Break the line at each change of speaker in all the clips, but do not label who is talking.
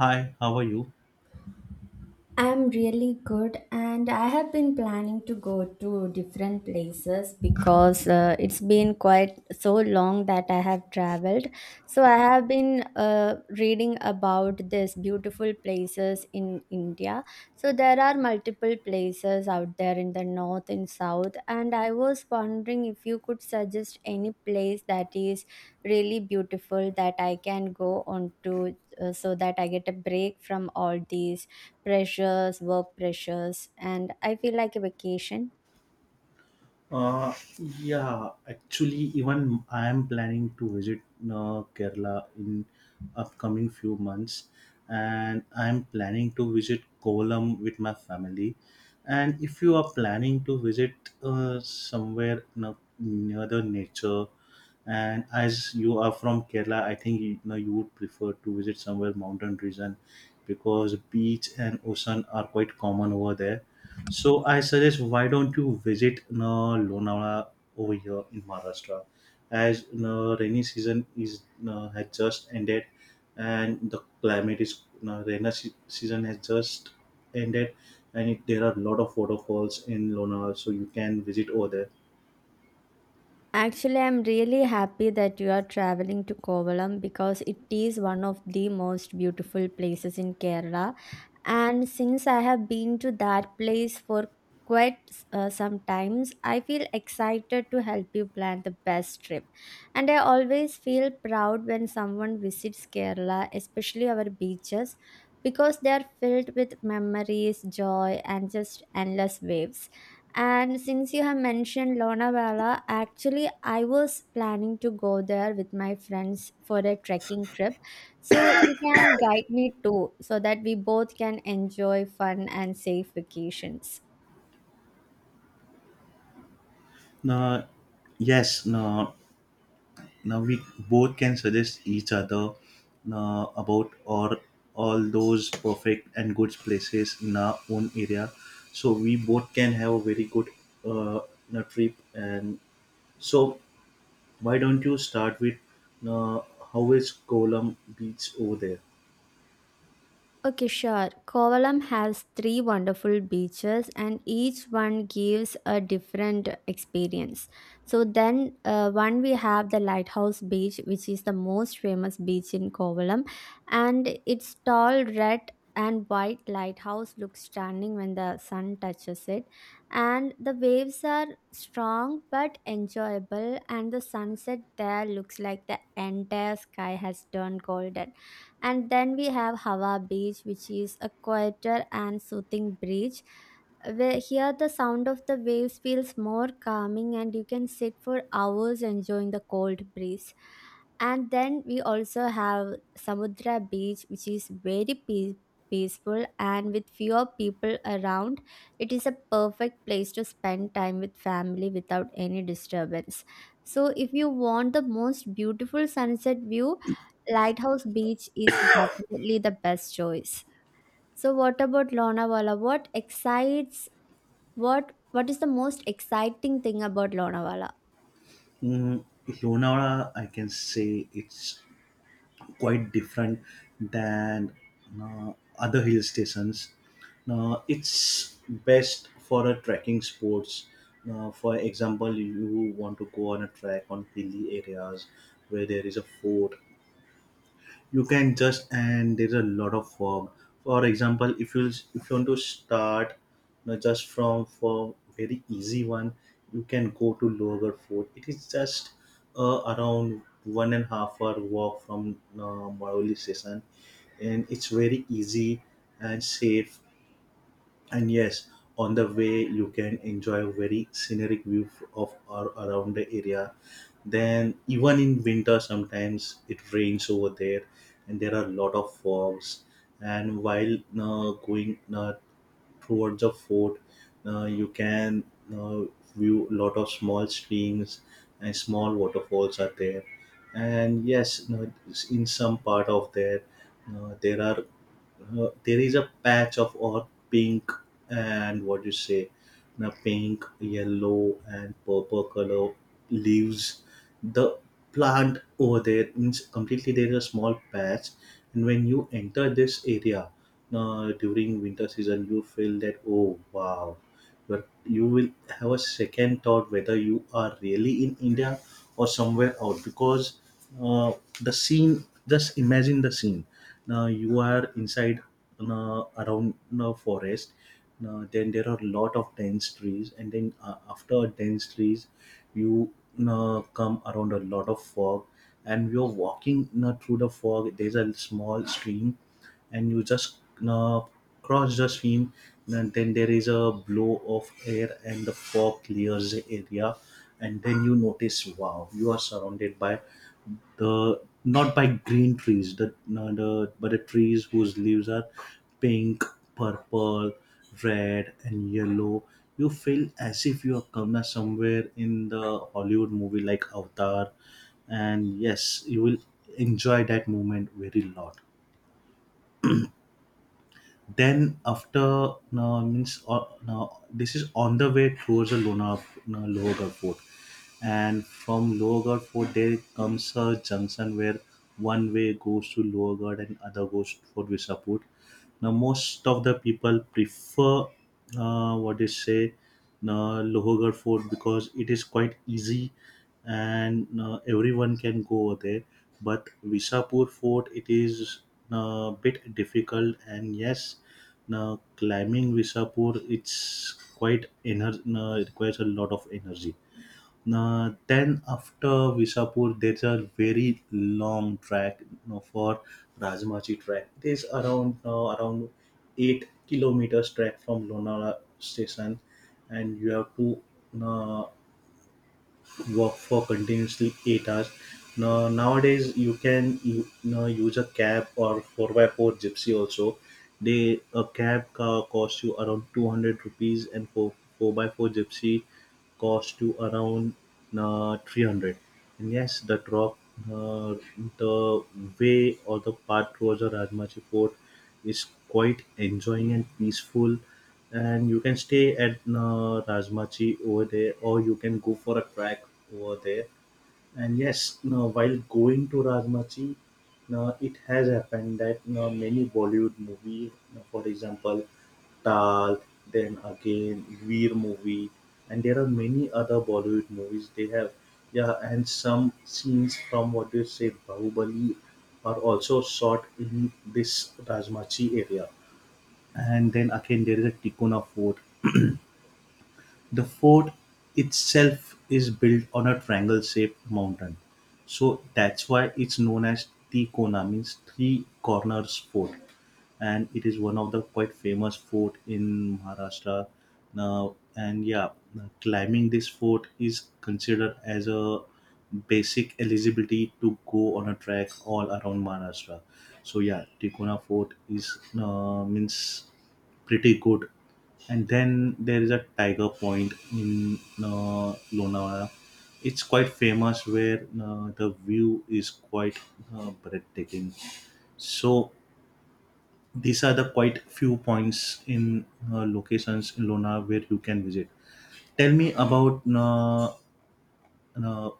Hi, how are you?
I'm really good, and I have been planning to go to different places because it's been quite so long that I have traveled. So, I have been reading about these beautiful places in India. So, there are multiple places out there in the north and south, and I was wondering if you could suggest any place that is really beautiful that I can go on to so that I get a break from all these pressures, work pressures, and I feel like a vacation.
Yeah, actually, even I am planning to visit Kerala in upcoming few months, and I am planning to visit Kolam with my family. And if you are planning to visit near the nature, and as you are from Kerala, I think you know you would prefer to visit somewhere mountain region because beach and ocean are quite common over there. So I suggest, why don't you visit Lonavala over here in Maharashtra, as rainy season is has just ended, and the climate is rainy se- season has just ended, and there are a lot of waterfalls in Lonavala, so you can visit over there.
Actually, I'm really happy that you are traveling to Kovalam because it is one of the most beautiful places in Kerala. And since I have been to that place for quite some times, I feel excited to help you plan the best trip. And I always feel proud when someone visits Kerala, especially our beaches, because they are filled with memories, joy, and just endless waves. And since you have mentioned Lonavala, actually, I was planning to go there with my friends for a trekking trip. So you can guide me too, so that we both can enjoy fun and safe vacations.
Now, yes, no. Now we both can suggest each other about or all those perfect and good places in our own area, so we both can have a very good trip. And so why don't you start with uh, how is Kolam beach over there?
Okay, sure. Kovalam has three wonderful beaches, and each one gives a different experience. So, then one, we have the Lighthouse Beach, which is the most famous beach in Kovalam, and its tall red and white lighthouse looks stunning when the sun touches it. And the waves are strong but enjoyable, and the sunset there looks like the entire sky has turned golden. And then we have Hawa Beach, which is a quieter and soothing beach. Where here the sound of the waves feels more calming, and you can sit for hours enjoying the cold breeze. And then we also have Samudra Beach, which is very peaceful and with fewer people around, it is a perfect place to spend time with family without any disturbance. So, if you want the most beautiful sunset view, Lighthouse Beach is definitely the best choice. So what about Lonavala? What excites what is the most exciting thing about Lonavala?
mm, Lonavala, I can say, it's quite different than other hill stations. Now, it's best for a trekking sports. Now, for example, you want to go on a trek on hilly areas where there is a fort. You can just And there's a lot of work. For example, if you want to start, just from for very easy one, you can go to lower fort. It is just around 1.5 hour walk from Maroli station, and it's very easy and safe. And yes, on the way you can enjoy a very scenic view of or around the area. Then even in winter sometimes it rains over there, and there are a lot of fogs. And while going towards the fort, you can uh, view a lot of small streams, and small waterfalls are there. And yes, in some part of there, there are there is a patch of earth pink, and what you say, the pink, yellow, and purple color leaves, the plant over there. Means completely there is a small patch, and when you enter this area during winter season you feel that, oh wow. But you will have a second thought whether you are really in India or somewhere out, because uh, the scene, just imagine the scene. Now you are inside around the forest. Now, then there are a lot of dense trees, and then after dense trees, you come around a lot of fog, and you're walking through the fog. There's a small stream, and you just uh, cross the stream, and then there is a blow of air, and the fog clears the area, and then you notice, wow, you are surrounded by the, not by green trees, the, no, the, but the trees whose leaves are pink, purple, red, and yellow. You feel as if you are come somewhere in the Hollywood movie like Avatar. And yes, you will enjoy that moment very lot. Then after, no, means, no, this is on the way towards the Lona, no, Lohogarh Fort. And from Lohogarh Fort there comes a junction where one way goes to Lohogarh and other goes for Visapur. Now most of the people prefer, what do you say, Lohogarh Fort, because it is quite easy and everyone can go there. But Visapur Fort, it is a bit difficult, and yes, now climbing Visapur, it requires a lot of energy. Now, then after Visapur, there's a very long track, for Rajmachi track. There's around 8 kilometers track from Lonavala station, and you have to uh, work for continuously 8 hours. Now, nowadays, you can use a cab or 4 by 4 gypsy also. They, a cab car costs you around 200 rupees, and 4, 4 by 4 gypsy cost you around 300. And yes, uh, the way or the path towards the Rajmachi fort is quite enjoying and peaceful, and you can stay at Rajmachi over there, or you can go for a track over there. And yes, now while going to Rajmachi, now it has happened that now many Bollywood movie, now for example, Tal, then again Veer movie, and there are many other Bollywood movies. They have, yeah, and some scenes from, what you say, Bahubali are also shot in this Rajmachi area. And then again, there is a Tikuna fort. The fort itself is built on a triangle-shaped mountain, so that's why it's known as Tikona, means Three Corners Fort, and it is one of the quite famous fort in Maharashtra. Now, and yeah, climbing this fort is considered as a basic eligibility to go on a trek all around Maharashtra. So yeah, Tikona Fort is, means, pretty good. And then there is a Tiger Point in Lonavala. It's quite famous, where the view is quite breathtaking. So these are the quite few points in, locations in Lona, where you can visit. Tell me about uh,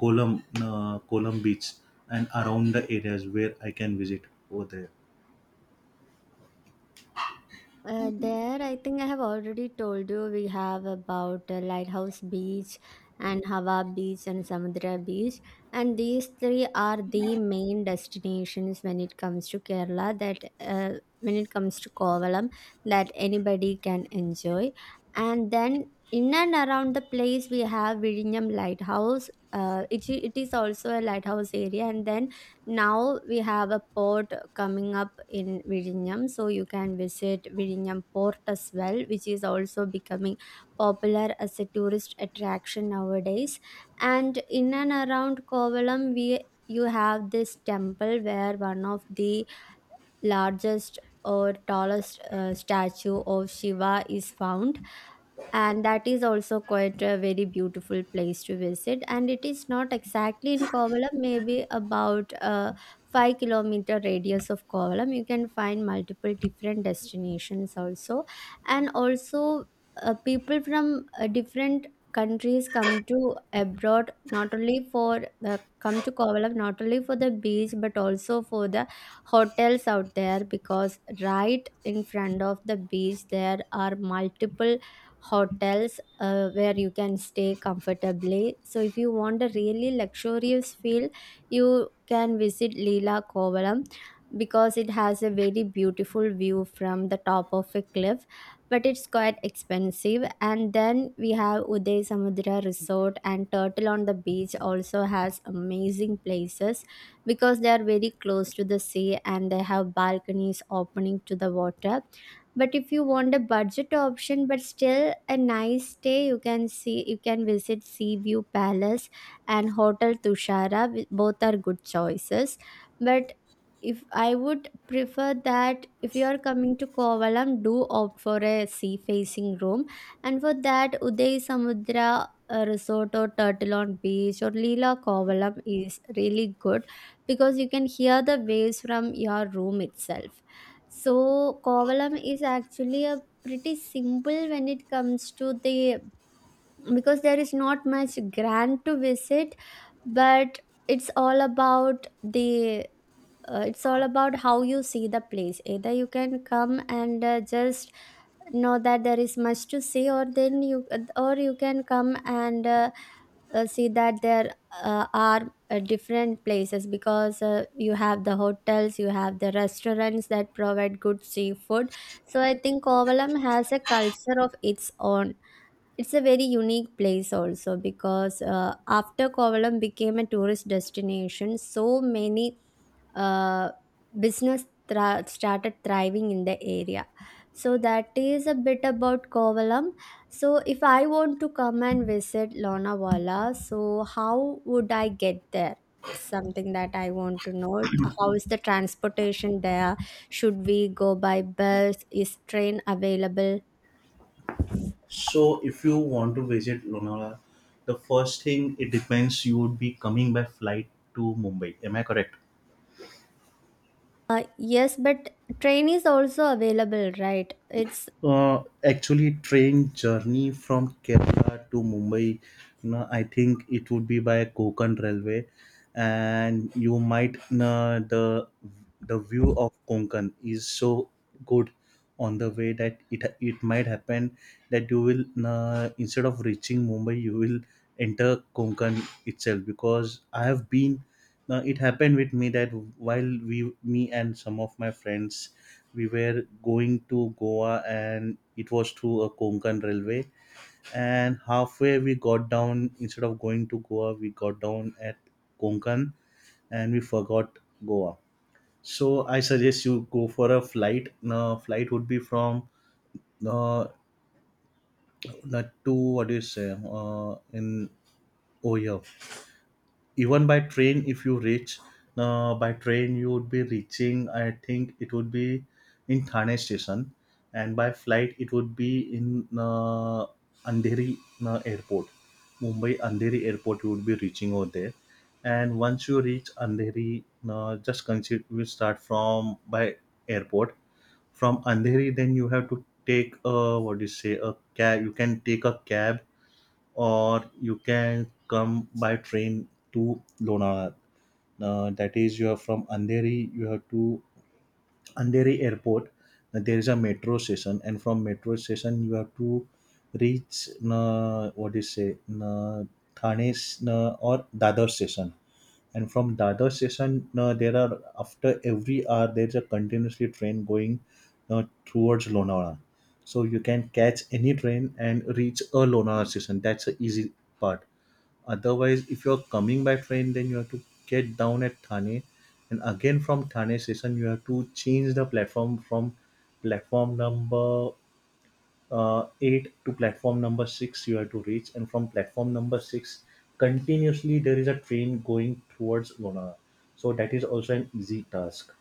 Kolam Beach and around the areas where I can visit over there.
There, I think I have already told you we have about Lighthouse Beach and Hawa Beach and Samudra Beach, and these three are the main destinations when it comes to Kerala. That when it comes to Kovalam, that anybody can enjoy, and then in and around the place we have Virinam Lighthouse. It is also a lighthouse area, and then now we have a port coming up in Virinum. So you can visit Virinum port as well, which is also becoming popular as a tourist attraction nowadays. And in and around Kovalam, we you have this temple where one of the largest or tallest statue of Shiva is found. And that is also quite a very beautiful place to visit. And it is not exactly in Kovalam, maybe about 5-kilometer radius of Kovalam. You can find multiple different destinations also. And also, people from different countries come to abroad not only for the come to Kovalam not only for the beach but also for the hotels out there, because right in front of the beach there are multiple hotels where you can stay comfortably. So if you want a really luxurious feel, you can visit Lila Kovalam, because it has a very beautiful view from the top of a cliff but it's quite expensive. And then we have Uday Samudra Resort, and Turtle on the Beach also has amazing places because they are very close to the sea and they have balconies opening to the water. But if you want a budget option but still a nice stay, you can visit Sea View Palace and Hotel Tushara. Both are good choices. But if I would prefer that if you are coming to Kovalam, do opt for a sea facing room. And for that, Uday Samudra Resort or Turtle on Beach or Leela Kovalam is really good because you can hear the waves from your room itself. So, Kovalam is actually a pretty simple when it comes to the, because there is not much grand to visit, but it's all about the it's all about how you see the place. Either you can come and just know that there is much to see, or then you can come and see that there are different places, because you have the hotels, you have the restaurants that provide good seafood. So I think Kovalam has a culture of its own. It's a very unique place also, because after Kovalam became a tourist destination, so many uh, started thriving in the area. So that is a bit about Kovalam. So if I want to come and visit Lonavala, so how would I get there? It's something that I want to know. How is the transportation there? Should we go by bus? Is train available?
So if you want to visit Lonavala, the first thing, it depends, you would be coming by flight to Mumbai. Am I correct?
Yes, but train is also available, right? It's
Actually, train journey from Kerala to Mumbai, no, I think it would be by Konkan Railway, and you might, no, the view of Konkan is so good on the way that it might happen that you will, no, instead of reaching Mumbai you will enter Konkan itself, because I have been, now it happened with me that while we, me and some of my friends, we were going to Goa, and it was through a Konkan railway. And halfway we got down. Instead of going to Goa, we got down at Konkan, and we forgot Goa. So I suggest you go for a flight. Now flight would be from, uh, not to, what do you say, in, oh yeah, even by train if you reach, by train you would be reaching, I think it would be in Thane station, and by flight it would be in Andheri airport, Mumbai Andheri airport you would be reaching over there. And once you reach Andheri, just consider we start from by airport from Andheri. Then you have to take a, what do you say, a cab. You can take a cab or you can come by train to Lonavala. That is, you are from Andheri, you have to Andheri Airport. There is a metro station, and from metro station you have to reach, what do you say, Thane or Dadar station. And from Dadar station, there are, after every hour there is a continuously train going towards Lonavala. So you can catch any train and reach a Lonavala station. That's the easy part. Otherwise, if you're coming by train, then you have to get down at Thane, and again from Thane station, you have to change the platform from platform number 8 to platform number 6. You have to reach, and from platform number 6, continuously there is a train going towards Lona. So that is also an easy task.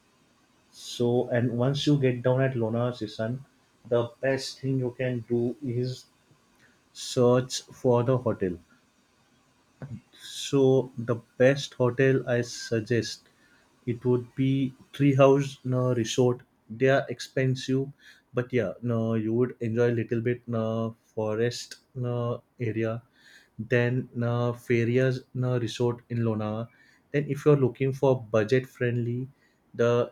So and once you get down at Lona station, the best thing you can do is search for the hotel. So the best hotel I suggest, it would be Treehouse, no, Resort. They are expensive, but yeah, no, you would enjoy a little bit, no, forest, no, area. Then, no, Feria's, no, Resort in Lonavala. Then if you're looking for budget friendly, the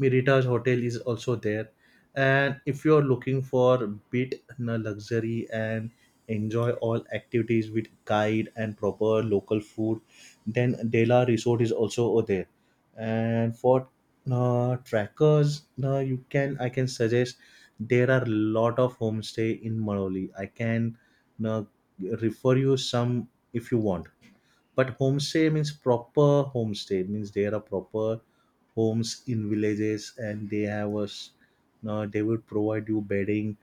Mirita's Hotel is also there. And if you're looking for bit na luxury and enjoy all activities with guide and proper local food, then Dela Resort is also over there. And for trackers, you can I can suggest there are lot of homestay in Manoli. I can, uh, refer you some if you want. But homestay means proper homestay means there are proper homes in villages, and they have us, they will provide you bedding.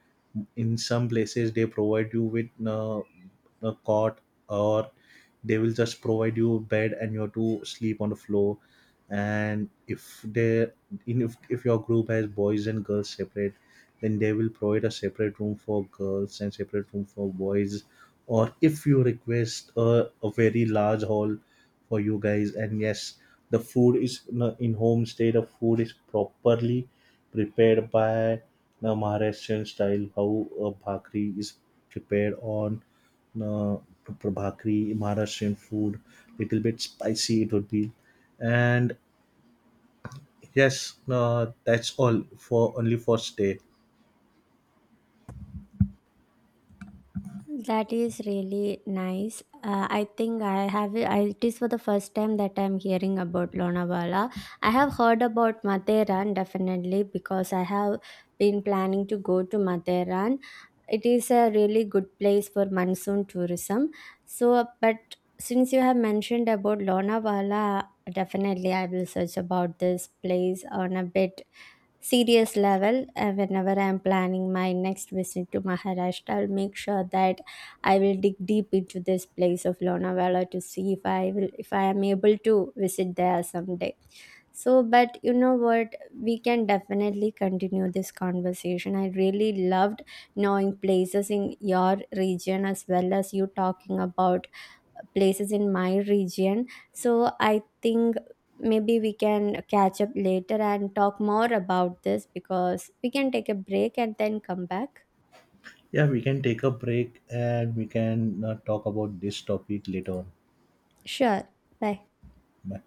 In some places they provide you with a cot, or they will just provide you a bed and you have to sleep on the floor. And if they, in if your group has boys and girls separate, then they will provide a separate room for girls and separate room for boys, or if you request a very large hall for you guys. And yes, the food is in homestay, the food is properly prepared by the Maharashtrian style, how a bhakri is prepared on uh, bhakri. Maharashtrian food, little bit spicy it would be. And yes, that's all for only for stay.
that is really nice. I think it is for the first time that I'm hearing about Lonavala. I have heard about Matheran, definitely, because I have been planning to go to Matheran. It is a really good place for monsoon tourism. So, but since you have mentioned about Lonavala, definitely I will search about this place on a bit serious level. Whenever I'm planning my next visit to Maharashtra, I'll make sure that I will dig deep into this place of Lonavala to see if I will if I am able to visit there someday. So, but you know what, we can definitely continue this conversation. I really loved knowing places in your region as well as you talking about places in my region. So I think maybe we can catch up later and talk more about this, because we can take a break and then come back.
Yeah, we can take a break and we can talk about this topic later on.
Sure. Bye.
Bye.